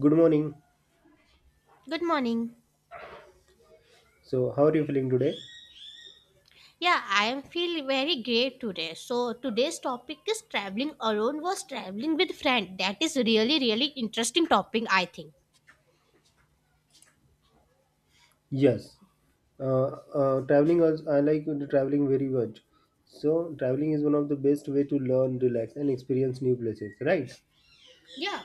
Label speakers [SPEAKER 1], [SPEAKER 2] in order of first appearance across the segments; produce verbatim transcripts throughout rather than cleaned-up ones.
[SPEAKER 1] Good morning.
[SPEAKER 2] Good morning.
[SPEAKER 1] So, how are you feeling today?
[SPEAKER 2] Yeah, I am feel very great today. So today's topic is traveling alone versus traveling with friend. That is really really interesting topic I think.
[SPEAKER 1] Yes. Uh, uh, Traveling, also, I like traveling very much. So, traveling is one of the best way to learn, relax, and experience new places, right?
[SPEAKER 2] Yeah.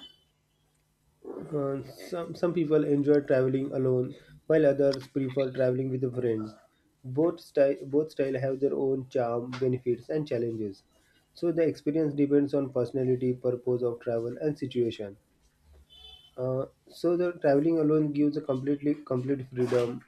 [SPEAKER 1] Uh, some some people enjoy traveling alone, while others prefer traveling with friends. Both style both style have their own charm, benefits, and challenges. So the experience depends on personality, purpose of travel, and situation. Uh, so the traveling alone gives a completely complete freedom.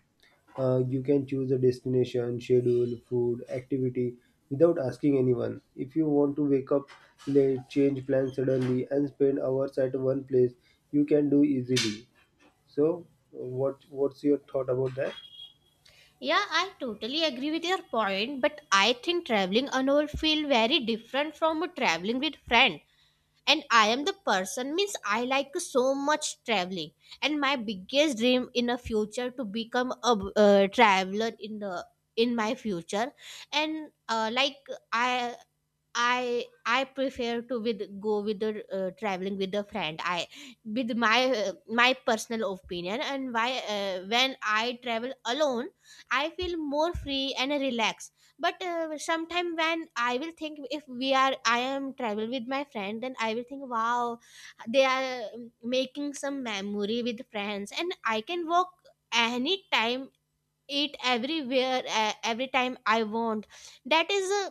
[SPEAKER 1] Uh, you can choose a destination, schedule, food, activity without asking anyone. If you want to wake up late, change plans suddenly, and spend hours at one place, you can do easily. So, what what's your thought about that?
[SPEAKER 2] Yeah, I totally agree with your point, but I think traveling alone feel very different from traveling with friend. And I am the person means I like so much traveling and my biggest dream in a future to become a uh, traveler in the in my future and uh, like I I I prefer to with go with the uh, traveling with a friend. I with my uh, my personal opinion and why uh, when I travel alone, I feel more free and relaxed. But uh, sometime when I will think if we are I am travel with my friend, then I will think wow, they are um, making some memory with friends, and I can walk anytime, eat everywhere, uh, every time I want. That is a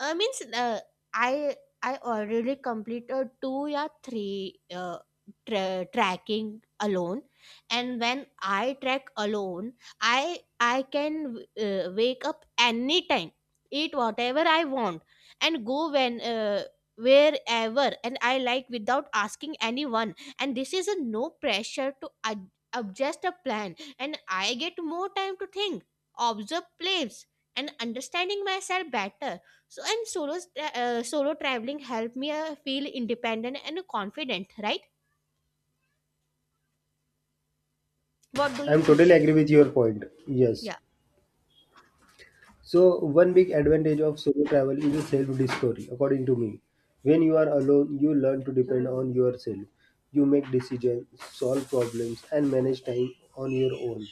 [SPEAKER 2] I means uh, I I already completed two or three uh, tra- tracking alone, and when I track alone, I I can uh, wake up anytime, eat whatever I want, and go when. Uh, wherever and I like without asking anyone, and this is a no pressure to ad- adjust a plan, and I get more time to think, observe place, and understanding myself better. So and solo tra- uh, solo traveling helped me uh, feel independent and confident, right? What do you
[SPEAKER 1] I'm
[SPEAKER 2] think?
[SPEAKER 1] totally agree with your point. Yes.
[SPEAKER 2] Yeah.
[SPEAKER 1] So one big advantage of solo travel is a self-discovery, according to me. When you are alone, you learn to depend on yourself. You make decisions, solve problems, and manage time on your own.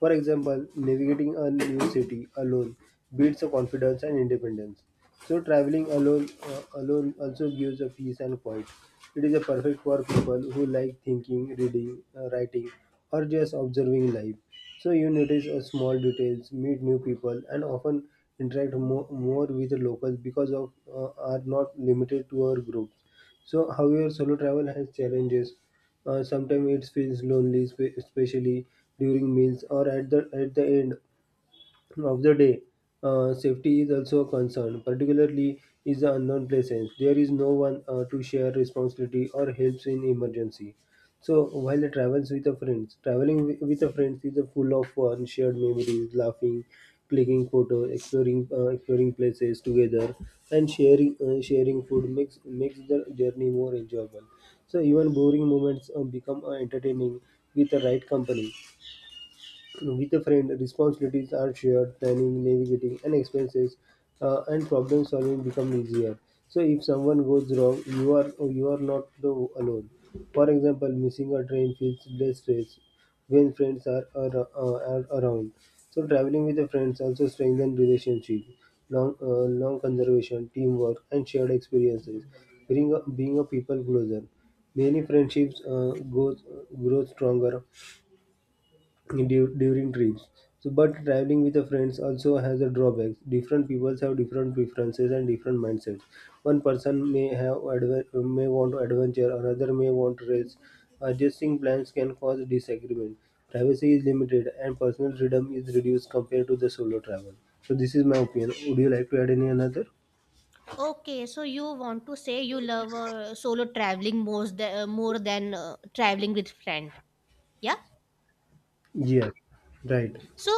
[SPEAKER 1] For example, navigating a new city alone builds a confidence and independence. So traveling alone uh, alone also gives a peace and quiet. It is a perfect for people who like thinking, reading, uh, writing, or just observing life. So you notice uh, small details, meet new people, and often interact more, more with the locals because of uh, are not limited to our groups. So, however, solo travel has challenges. Uh, sometimes it feels lonely, spe- especially during meals or at the at the end of the day. Uh, safety is also a concern, particularly in the unknown places. There is no one uh, to share responsibility or helps in emergency. So while the travels with a friends, traveling wi- with a friends is a full of fun, shared memories, laughing, clicking photos, exploring uh, exploring places together, and sharing uh, sharing food makes makes the journey more enjoyable. So even boring moments uh, become uh, entertaining with the right company. With a friend, responsibilities are shared, planning, navigating, and expenses uh, and problem solving become easier. So if someone goes wrong, you are you are not the alone. For example, missing a train feels less stress when friends are, ar- uh, are around. So traveling with the friends also strengthen relationship, long uh, long conservation, teamwork, and shared experiences, bring a, being a people closer. Many friendships uh, grows grow stronger du- during trips. So, but traveling with the friends also has a drawbacks. Different people have different preferences and different mindsets. One person may have adve- may want adventure, another may want rest. Adjusting plans can cause disagreement. Privacy is limited, and personal freedom is reduced compared to the solo travel. So, this is my opinion. Would you like to add any another?
[SPEAKER 2] Okay, so you want to say you love uh, solo traveling more than more than uh, traveling with friend. Yeah?
[SPEAKER 1] Yeah, right.
[SPEAKER 2] So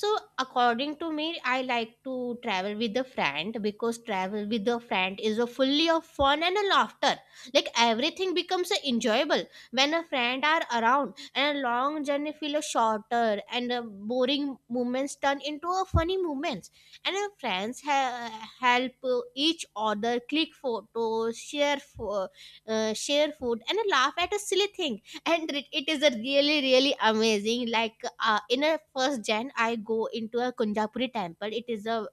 [SPEAKER 2] so according to me, I like to travel with a friend because travel with a friend is a fully of fun and a laughter. Like everything becomes a enjoyable when a friend are around, and a long journey feel a shorter and a boring moments turn into a funny moments, and our friends ha- help uh, each other click photos, share fo- uh, share food, and laugh at a silly thing. And it, it is a really really amazing. Like uh, in a first gen I go into a Kunjapuri temple. It is a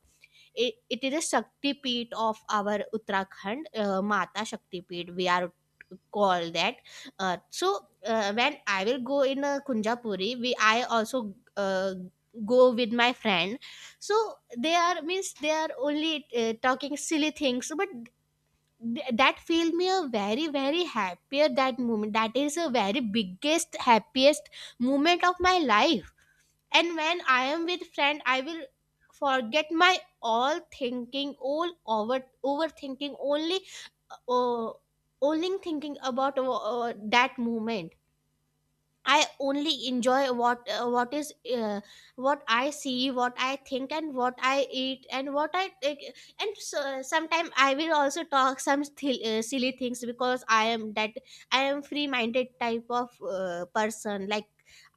[SPEAKER 2] it, it is a shakti peet of our Uttarakhand, uh, mata shakti peet we are call that. Uh, so uh, when I will go in a Kunjapuri, we I also uh, go with my friend. So they are means they are only uh, talking silly things, but th- that filled me a very very happier that moment. That is a very biggest happiest moment of my life. And when I am with friend, I will forget my all thinking, all over overthinking, only uh, only thinking about uh, uh, that moment. I only enjoy what uh, what is uh, what I see, what I think, and what I eat, and what I take. And so, sometimes I will also talk some th- uh, silly things because I am that I am free-minded type of uh, person. Like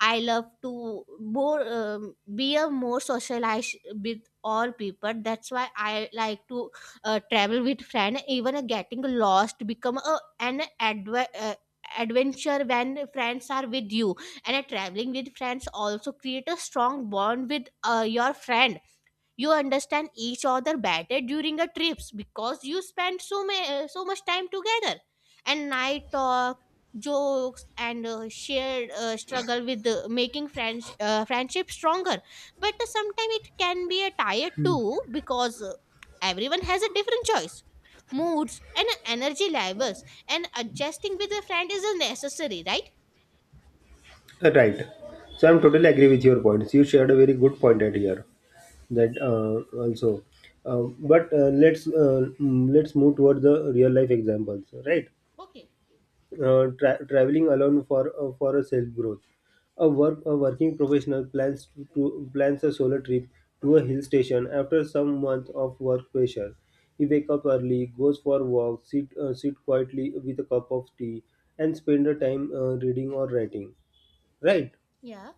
[SPEAKER 2] I love to more um, be a more socialized with all people. That's why I like to uh, travel with friend. Even uh, getting lost become a an adve- uh, adventure when friends are with you. And a traveling with friends also create a strong bond with uh, your friend. You understand each other better during the trips because you spend so ma- so much time together, and night talk, jokes, and uh, shared uh, struggle with uh, making friends uh, friendship stronger. But sometimes it can be a tired too because uh, everyone has a different choice, moods, and energy levels, and adjusting with a friend is a necessary, right?
[SPEAKER 1] Uh, right. So I'm
[SPEAKER 2] Yeah.
[SPEAKER 1] totally agree with your points. You shared a very good point at here. That uh, also um, but uh, let's uh, mm, let's move toward the real life examples, right?
[SPEAKER 2] Okay.
[SPEAKER 1] Uh, tra- traveling alone for uh, for a self growth. A work a working professional plans to, to plans a solo trip to a hill station after some month of work pressure. He wake up early, goes for walk, sit uh, sit quietly with a cup of tea, and spend the time uh, reading or writing, right?
[SPEAKER 2] Yeah.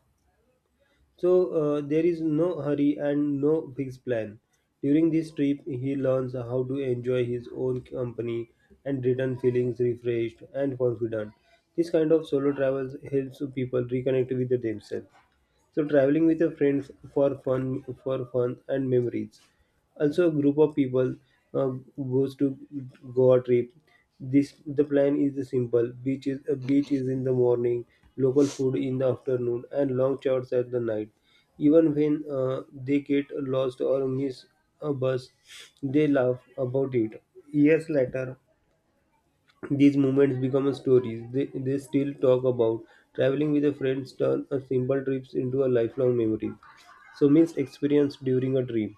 [SPEAKER 1] So uh, there is no hurry and no fixed plan. During this trip, he learns how to enjoy his own company and return feelings refreshed and confident. This kind of solo travels helps people reconnect with themselves. So traveling with your friends for fun, for fun and memories. Also, a group of people uh, goes to Goa trip. This, the plan is the simple. Beach is a beach is in the morning, local food in the afternoon, and long chats at the night. Even when uh, they get lost or miss a bus, they laugh about it. Years later, these moments become stories they, they still talk about. Traveling with a friend turns a simple trips into a lifelong memory. So means experience during a trip.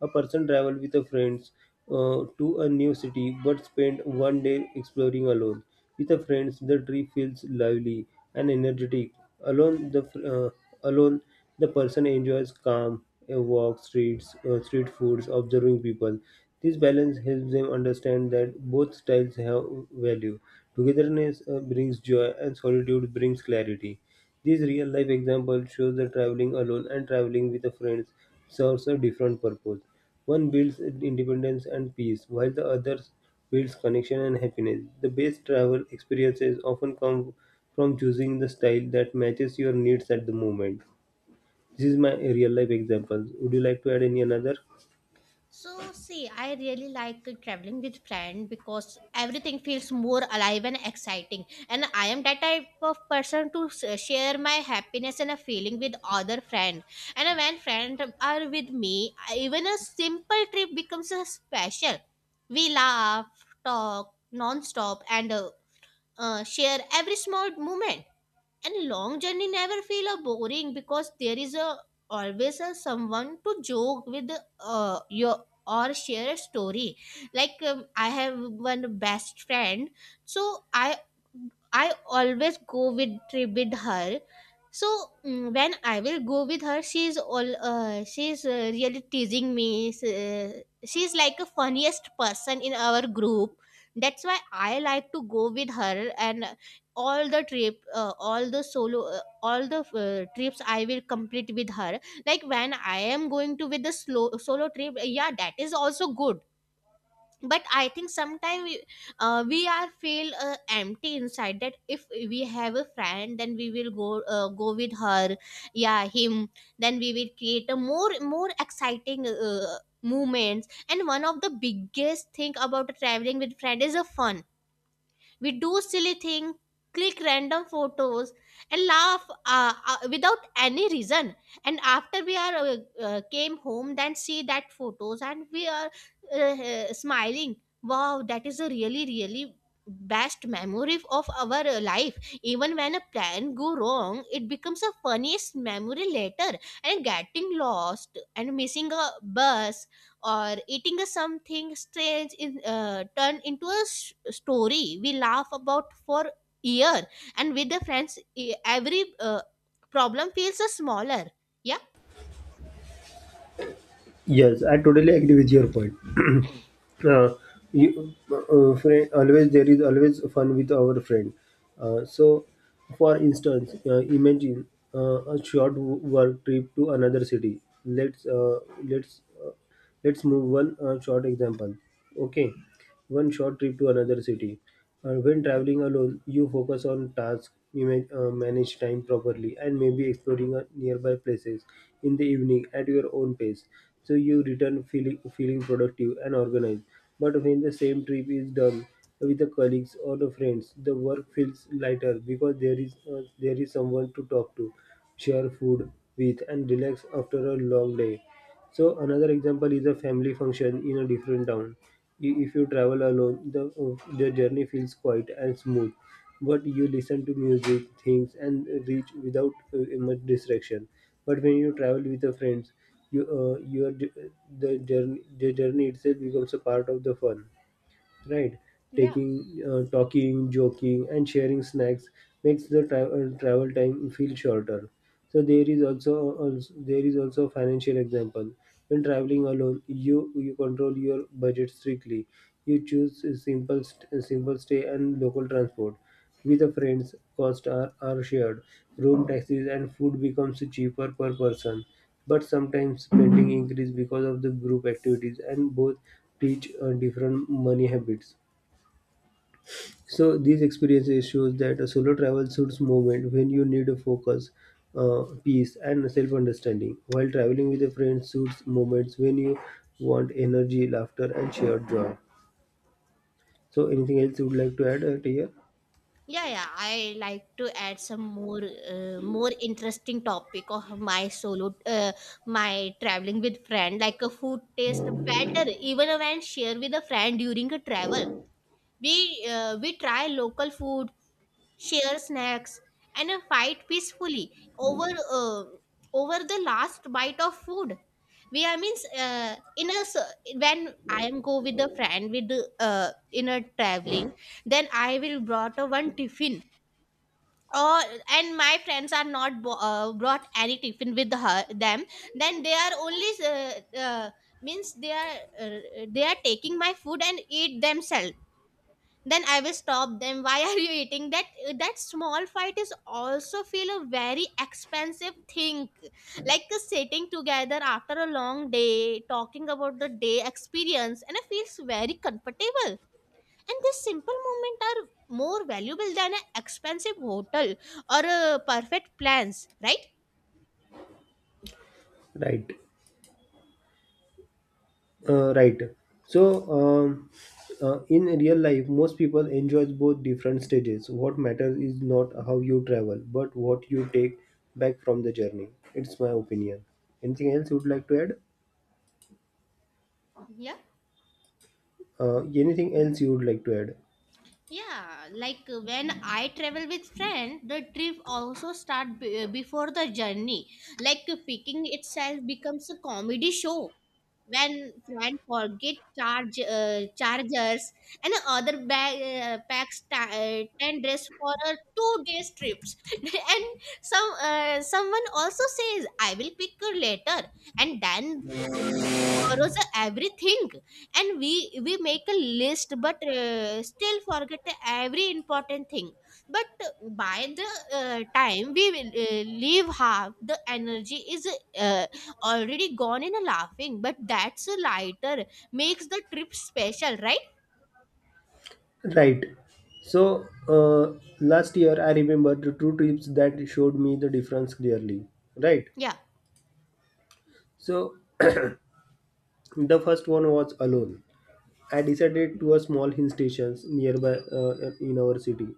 [SPEAKER 1] A person travel with a friends uh, to a new city but spend one day exploring alone. With a friends, the trip feels lively and energetic. Alone, the fr- uh, alone the person enjoys calm, a walk, streets, uh, street foods, observing people. This balance helps them understand that both styles have value. Togetherness uh, brings joy and solitude brings clarity. These real life examples show that traveling alone and traveling with friends serves a different purpose. One builds independence and peace, while the other builds connection and happiness. The best travel experiences often come from choosing the style that matches your needs at the moment. This is my real life example. Would you like to add any another?
[SPEAKER 2] So, see, I really like traveling with friend because everything feels more alive and exciting. And I am that type of person to s- share my happiness and a feeling with other friend. And when friend are with me, I- even a simple trip becomes a special. We laugh, talk non-stop, and uh, uh, share every small moment, and long journey never feel a boring because there is a always a someone to joke with, uh, your or share a story. Like um, I have one best friend. So i i always go with trip with her. So mm, when I will go with her, she's all uh, she's uh, really teasing me. S- uh, she's like a funniest person in our group. That's why I like to go with her. And all the trip uh, all the solo uh, all the uh, trips I will complete with her. Like when I am going to with the slow solo trip, yeah, that is also good. But I think sometimes we, uh, we are feel uh, empty inside that if we have a friend, then we will go uh, go with her. Yeah, him. Then we will create a more more exciting uh, movements. And one of the biggest thing about traveling with friend is a fun. We do silly thing, click random photos, and laugh uh, uh, without any reason. And after we are uh, uh, came home, then see that photos, and we are uh, uh, smiling. Wow, that is a really really best memory of our uh, life. Even when a plan go wrong, it becomes a funniest memory later. And getting lost and missing a bus or eating a something strange in uh, turn into a s- story we laugh about for year. And with the friends e- every uh, problem feels a smaller. Yeah.
[SPEAKER 1] Yes, I totally agree with your point. uh, you, uh, uh, friend, always there is always fun with our friend. Uh, so, for instance, uh, imagine uh, a short w- work trip to another city. Let's uh, let's uh, let's move one uh, short example. Okay, one short trip to another city. Uh, when traveling alone, you focus on tasks, image, uh, manage time properly, and maybe exploring uh, nearby places in the evening at your own pace. So you return feeling feeling productive and organized. But when the same trip is done with the colleagues or the friends, the work feels lighter because there is uh, there is someone to talk to, share food with, and relax after a long day. So another example is a family function in a different town. I- If you travel alone, the uh, the journey feels quiet and smooth, but you listen to music, things, and reach without uh, much distraction. But when you travel with the friends, you uh, your j- the journey the journey itself becomes a part of the fun, right? taking uh, Talking, joking, and sharing snacks makes the tra- uh, travel time feel shorter. So there is also, also there is also a financial example. When traveling alone, you you control your budget strictly. You choose a simple st- simple stay and local transport. With the friends, costs are, are shared. Room, taxes, and food becomes cheaper per person. But sometimes spending increases because of the group activities, and both teach uh, different money habits. So these experiences shows that a solo travel suits moment when you need a focus, uh, peace, and self-understanding. While traveling with a friend suits moments when you want energy, laughter, and shared joy. So, anything else you would like to add uh, here?
[SPEAKER 2] Yeah, yeah, I like to add some more uh, more interesting topic of my solo uh, my traveling with friend. Like a food taste better even when share with a friend during a travel. We uh, we try local food, share snacks, and uh, fight peacefully over uh, over the last bite of food. We are means uh, in a s- when I am go with a friend with the, uh, in a traveling, then I will brought a one tiffin. Or and my friends are not bo- uh, brought any tiffin with her them. Then they are only uh, uh, means they are uh, they are taking my food and eat themselves. Then I will stop them, why are you eating that? That small fight is also feel a very expensive thing. Like uh, sitting together after a long day talking about the day experience, and it feels very comfortable. And this simple moment are more valuable than an expensive hotel or uh, perfect plans, right?
[SPEAKER 1] Right. Uh, right. So, um, uh, in real life, most people enjoy both different stages. What matters is not how you travel, but what you take back from the journey. It's my opinion. Anything else you would like to add?
[SPEAKER 2] Yeah.
[SPEAKER 1] Uh, anything else you would like to add?
[SPEAKER 2] Yeah, like uh, when I travel with friend, the trip also start b- uh, before the journey. Like uh, picking itself becomes a comedy show when friend forget charge uh, chargers and other bag uh, packs ta- uh, ten dress for a two days trips and some uh, someone also says I will pick her later. And then borrows everything, and we we make a list but uh, still forget every important thing. But by the uh, time we will uh, leave, half the energy is uh, already gone in a laughing, but that's a lighter makes the trip special, right?
[SPEAKER 1] Right. So, uh, last year I remember the two trips that showed me the difference clearly. Right.
[SPEAKER 2] Yeah.
[SPEAKER 1] So, the first one was alone. I decided to a small hill stations nearby uh, in our city.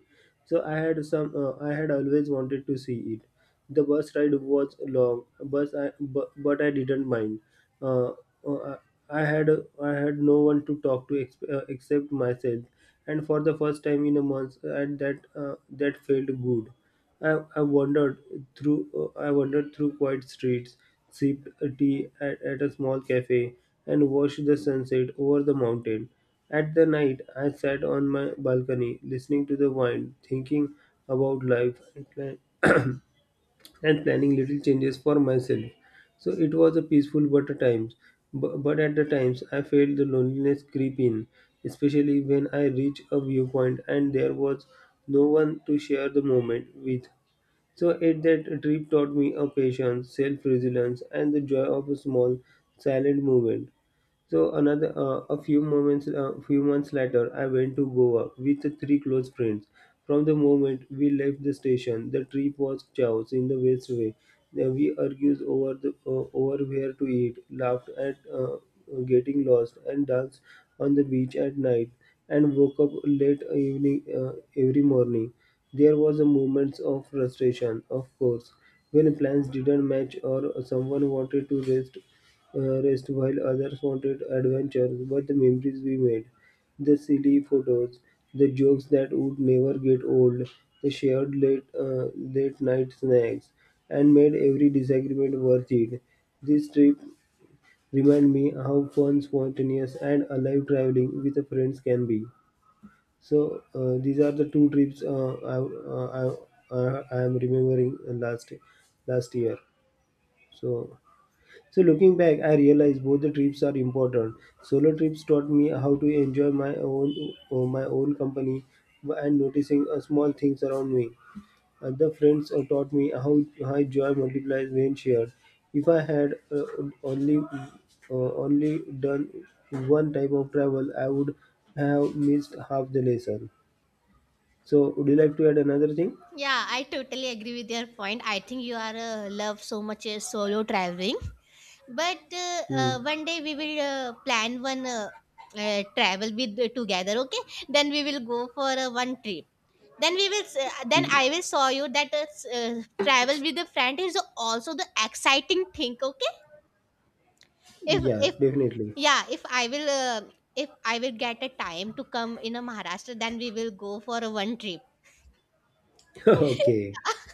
[SPEAKER 1] So I had some. Uh, I had always wanted to see it. The bus ride was long, but I but, but I didn't mind. Uh, uh, I had I had no one to talk to ex- uh, except myself, and for the first time in a month, uh, and that uh, that felt good. I, I wandered through uh, I wandered through quiet streets, sipped a tea at, at a small cafe, and watched the sunset over the mountain. At the night, I sat on my balcony, listening to the wind, thinking about life, and plan- and planning little changes for myself. So it was a peaceful but at times, bu- but at the times I felt the loneliness creep in, especially when I reached a viewpoint and there was no one to share the moment with. So it that trip taught me a patience, self-resilience, and the joy of a small, silent movement. So another uh, a few moments a few months later, I went to Goa with three close friends. From the moment we left the station, the trip was chaos in the best way. Uh, we argued over the uh, over where to eat, laughed at uh, getting lost, and danced on the beach at night. And woke up late evening uh, every morning. There was a moment of frustration, of course, when plans didn't match or someone wanted to rest uh, rest while others wanted adventure. But the memories we made, the silly photos, the jokes that would never get old, the shared late, uh, late night snacks, and made every disagreement worth it. This trip remind me how fun, spontaneous, and alive traveling with the friends can be. So uh, these are the two trips uh, I, uh, I, uh, I am remembering last last year. So so looking back, I realized both the trips are important. Solo trips taught me how to enjoy my own uh, my own company and noticing uh, small things around me. Other friends uh, taught me how, how joy multiplies when shared. If I had uh, only uh, only done one type of travel, I would have missed half the lesson. So would you like to add another thing?
[SPEAKER 2] Yeah, I totally agree with your point. I think you are uh, love so much uh, solo traveling. But uh,
[SPEAKER 1] Hmm.
[SPEAKER 2] uh, one day we will uh, plan one uh, uh, travel with uh, together, okay? Then we will go for uh, one trip. Then we will. S- Uh, then I will show you that uh, s- uh, travel with a friend is also the exciting thing, okay? if
[SPEAKER 1] Yeah,
[SPEAKER 2] if
[SPEAKER 1] definitely.
[SPEAKER 2] yeah if I will uh, if I will get a time to come in a Maharashtra, then we will go for a one trip.
[SPEAKER 1] Okay,
[SPEAKER 2] Yeah.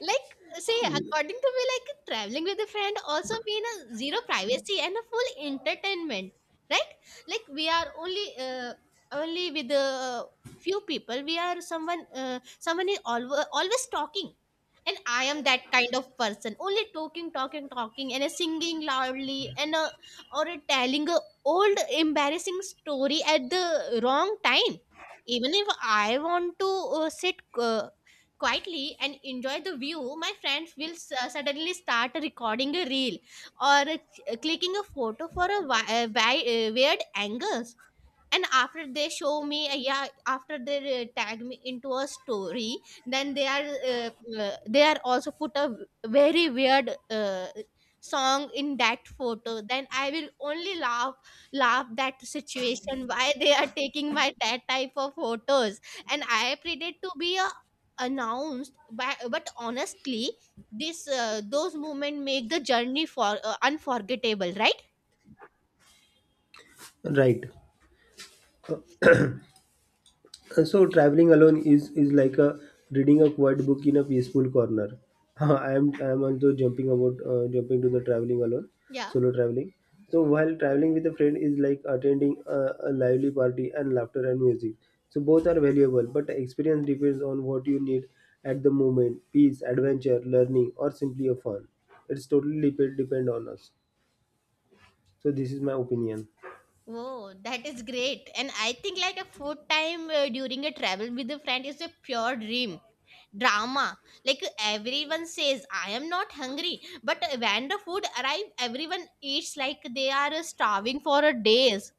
[SPEAKER 2] Like say according to me, like traveling with a friend also mean a zero privacy and a full entertainment, right? Like we are only uh, only with a few people we are someone uh, someone is always always talking. And I am that kind of person only talking talking talking and uh, singing loudly and uh, or uh, telling a old embarrassing story at the wrong time. Even if I want to uh, sit uh, quietly and enjoy the view, my friends will s- uh, suddenly start recording a reel or uh, clicking a photo for a, wi- uh, wi- uh, weird angles. And after they show me uh, yeah after they uh, tag me into a story, then they are uh, uh, they are also put a very weird uh, song in that photo, then I will only laugh, laugh that situation, why they are taking my that type of photos. And I pretended to be a announced by, but honestly this uh, those moments make the journey for uh, unforgettable, right?
[SPEAKER 1] right. And so traveling alone is is like a reading a quiet book in a peaceful corner. I am I am also jumping about uh, jumping to the traveling alone,
[SPEAKER 2] Yeah.
[SPEAKER 1] solo traveling. So while traveling with a friend is like attending a, a lively party and laughter and music. So both are valuable, but the experience depends on what you need at the moment: peace, adventure, learning, or simply a fun. It's totally depend depend on us. So this is my opinion.
[SPEAKER 2] Oh, that is great. And I think like a food time uh, during a travel with a friend is a pure dream. Drama. Like everyone says, I am not hungry. But when the food arrive, everyone eats like they are starving for a days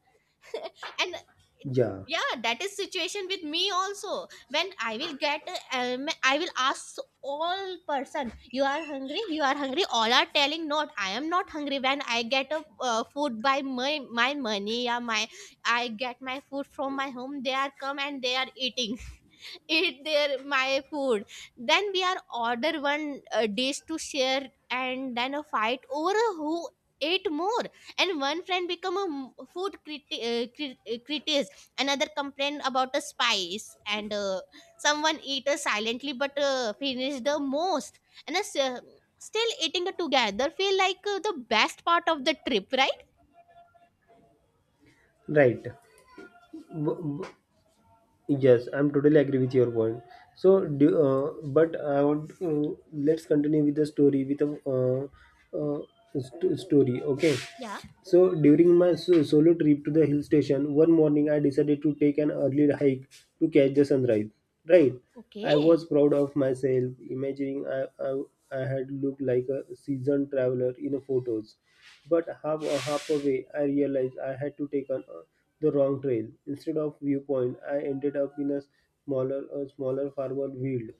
[SPEAKER 2] and
[SPEAKER 1] Yeah,
[SPEAKER 2] yeah, that is situation with me also when I will get, um, I will ask all person, you are hungry, you are hungry, all are telling, not, I am not hungry. When I get a uh, food by my my money, yeah, my, I get my food from my home, they are come and they are eating eat their my food. Then we are order one uh, dish to share, and then a fight over who ate more. And one friend become a m- food criti- uh, crit- uh, critic, another complained about a spice and uh, someone eat uh, silently but uh, finished the most. And us, uh, still eating together feel like uh, the best part of the trip, right?
[SPEAKER 1] right. W- w- Yes, I'm totally agree with your point. So, do, uh, but I want uh, let's continue with the story with a uh, uh, st- story. Okay,
[SPEAKER 2] Yeah.
[SPEAKER 1] so during my so- solo trip to the hill station, one morning I decided to take an early hike to catch the sunrise. Right, I was
[SPEAKER 2] Okay.
[SPEAKER 1] proud of myself, imagining I, I, I had looked like a seasoned traveler in the photos. But half a half away, I realized I had to take on uh, the wrong trail. Instead of viewpoint, I ended up in a smaller a smaller farmer field.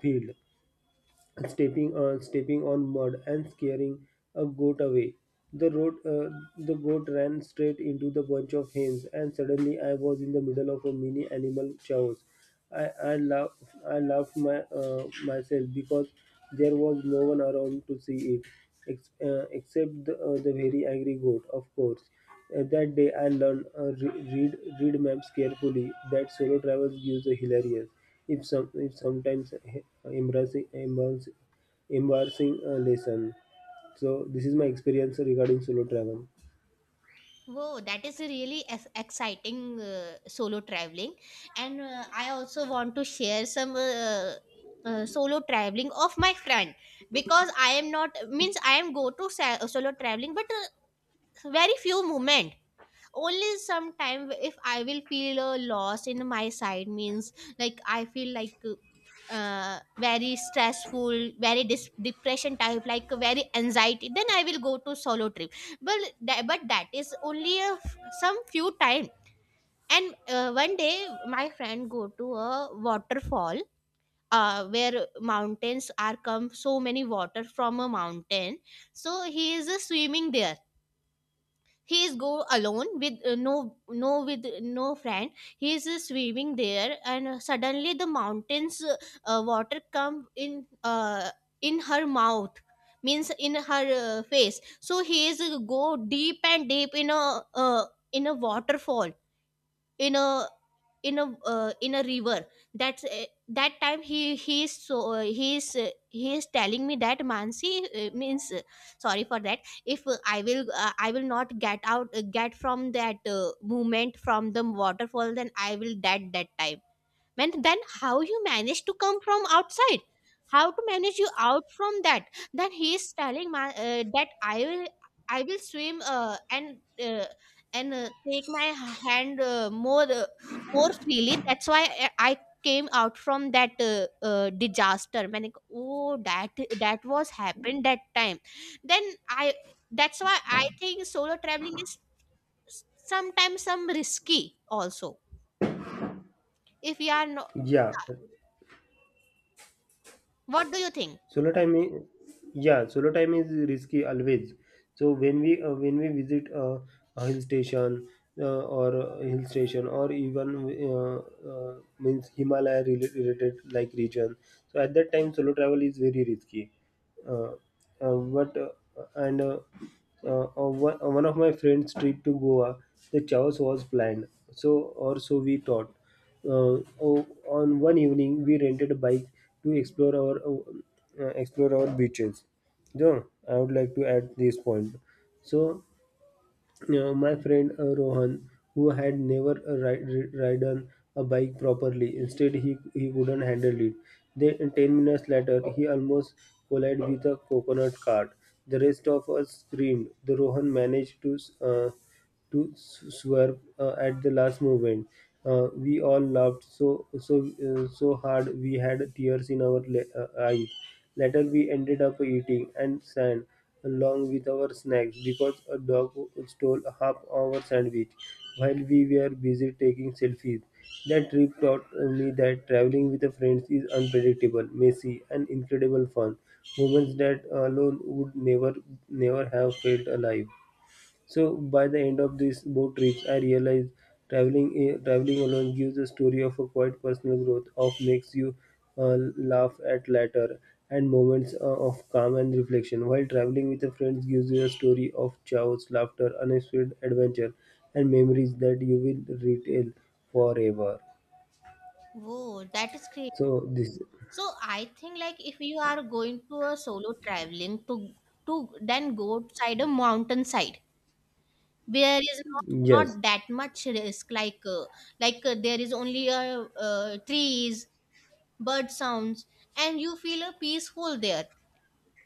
[SPEAKER 1] Field stepping on stepping on mud and scaring a goat away. The road uh, the goat ran straight into the bunch of hens, and suddenly I was in the middle of a mini animal chaos. I I laughed I laughed my uh, myself because there was no one around to see it, ex- uh, except the, uh, the very angry goat, of course. Uh, that day I learned uh, re- read read maps carefully. That solo travels gives a hilarious, if some if sometimes eh, embarrassing embarrassing, embarrassing uh, lesson. So this is my experience regarding solo travel.
[SPEAKER 2] Whoa, that is a really ex- exciting uh, solo traveling. And uh, I also want to share some uh, uh, solo traveling of my friend because I am not, means I am go to sa- solo traveling, but very few moment, only sometime. If I will feel uh, lost in my side, means like I feel like uh, uh, very stressful, very dis- depression type, like very anxiety, then I will go to solo trip. But that, but that is only a f- some few time. And uh, one day my friend go to a waterfall, uh, where mountains are come, so many water from a mountain. So he is uh, swimming there, he is go alone with uh, no, no, with no friend. He is uh, swimming there, and uh, suddenly the mountains, uh, uh, water come in, uh, in her mouth, means in her uh, face. So he is uh, go deep and deep in a, uh, in a waterfall, in a, in a, uh, in a river. That's uh, that time he he is so, uh, he is uh, he is telling me that, Mansi, uh, means, uh, sorry for that, if uh, I will, uh, I will not get out, uh, get from that uh, movement from the waterfall, then I will dead that time. When then how you manage to come from outside, how to manage you out from that? Then he is telling my, uh, that I will, I will swim, uh, and uh, and uh, take my hand, uh, more, uh, more freely. That's why i I came out from that uh, uh, disaster, man. Like, oh, that, that was happened that time. Then I, that's why I think solo traveling is sometimes some risky also, if you are, no,
[SPEAKER 1] Yeah,
[SPEAKER 2] what do you think?
[SPEAKER 1] solo time is, yeah, solo time is risky always. So when we uh, when we visit uh, a hill station uh, or a hill station or even uh, uh, means himalaya rela- related like region. So at that time solo travel is very risky. Uh, uh, what uh, and uh, uh, uh, one uh, One of my friends' trip to Goa, the chaos was planned. So or so we thought. Uh, o- on one evening, we rented a bike to explore our uh, uh, explore our beaches. So I would like to add this point. So uh, my friend uh, Rohan, who had never uh, ri- ri- ridden a bike properly, instead he, he couldn't handle it. Then, ten minutes later, he almost collided with a coconut cart. The rest of us screamed. The Rohan managed to uh, to s- swerve uh, at the last moment. Uh, we all laughed so so uh, so hard we had tears in our le- uh, eyes. Later we ended up eating and sand along with our snacks because a dog stole half our sandwich while we were busy taking selfies. That trip taught uh, me that traveling with the friends is unpredictable, messy, and incredible fun. Moments that alone would never, never have felt alive. So by the end of these boat trips, I realized traveling eh, traveling alone gives a story of a quite personal growth, of makes you uh, laugh at latter and moments uh, of calm and reflection. While traveling with a friend gives you a story of chaos, laughter, unexpected adventure, and memories that you will retell forever.
[SPEAKER 2] Whoa, that is great.
[SPEAKER 1] So this,
[SPEAKER 2] So I think, like, if you are going to a solo traveling, to to then go outside a mountain side, where is not,
[SPEAKER 1] yes,
[SPEAKER 2] not that much risk, like, uh, like uh, there is only uh, uh, trees, bird sounds, and you feel a peaceful there.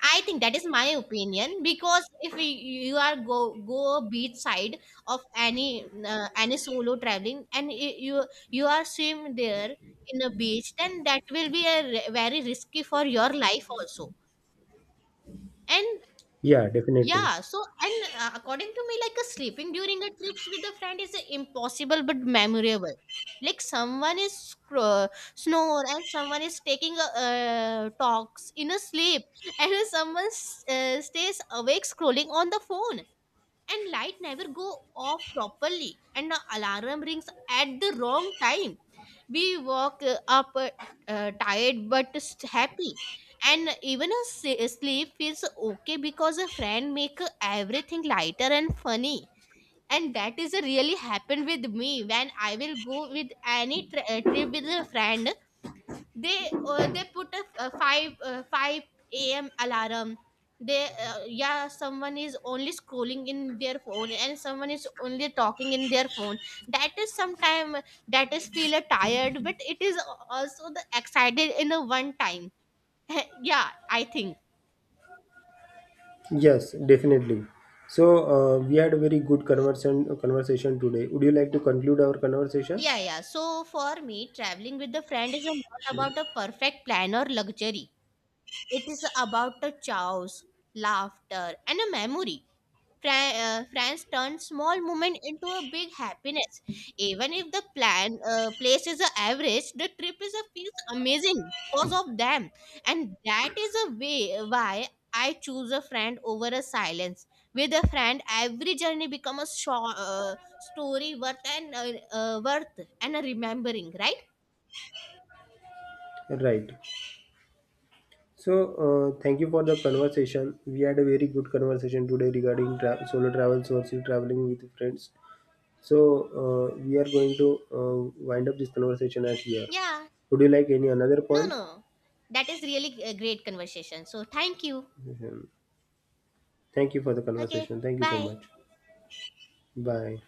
[SPEAKER 2] I think that is my opinion. Because if we, you are go, go beach side of any, uh, any solo traveling, and y- you, you are swim there in a beach, then that will be a re- very risky for your life also. And
[SPEAKER 1] yeah, definitely.
[SPEAKER 2] yeah, so and uh, according to me, like a sleeping during a trips with a friend is impossible but memorable. Like, someone is scr- uh, snore, and someone is taking a uh, talks in a sleep, and someone s- uh, stays awake scrolling on the phone, and light never go off properly, and the alarm rings at the wrong time. We walk uh, up uh, uh, tired but s- happy, and even a s- sleep feels okay, because a friend make everything lighter and funny. And that is a really happened with me when I will go with any tri- uh, trip with a friend. They uh, they put a a 5 uh, 5 a.m alarm. They uh, yeah, someone is only scrolling in their phone, and someone is only talking in their phone. That is sometime, that is feel a tired, but it is also the excited in a one time. Yeah, I think,
[SPEAKER 1] Yes, definitely. So uh, we had a very good conversation conversation today. Would you like to conclude our conversation?
[SPEAKER 2] yeah, yeah. So for me, traveling with the friend is not about a perfect plan or luxury. It is about a chaos, laughter and a memory. Fran- uh, France turned small moment into a big happiness. Even if the plan uh, place is a average, the trip is a feels amazing because of them. And that is a way why I choose a friend over a silence. With a friend, every journey become a short, uh, story worth and uh, uh, worth and a remembering, right?
[SPEAKER 1] Right. So, uh, thank you for the conversation. We had a very good conversation today regarding tra- solo travels versus traveling with friends. So, uh, we are going to uh, wind up this conversation as here.
[SPEAKER 2] Yeah.
[SPEAKER 1] Would you like any another
[SPEAKER 2] No,
[SPEAKER 1] point?
[SPEAKER 2] no. That is really a great conversation. So thank you.
[SPEAKER 1] Mhm. Thank you for the
[SPEAKER 2] Okay.
[SPEAKER 1] conversation. Thank you so
[SPEAKER 2] Bye.
[SPEAKER 1] much. Bye.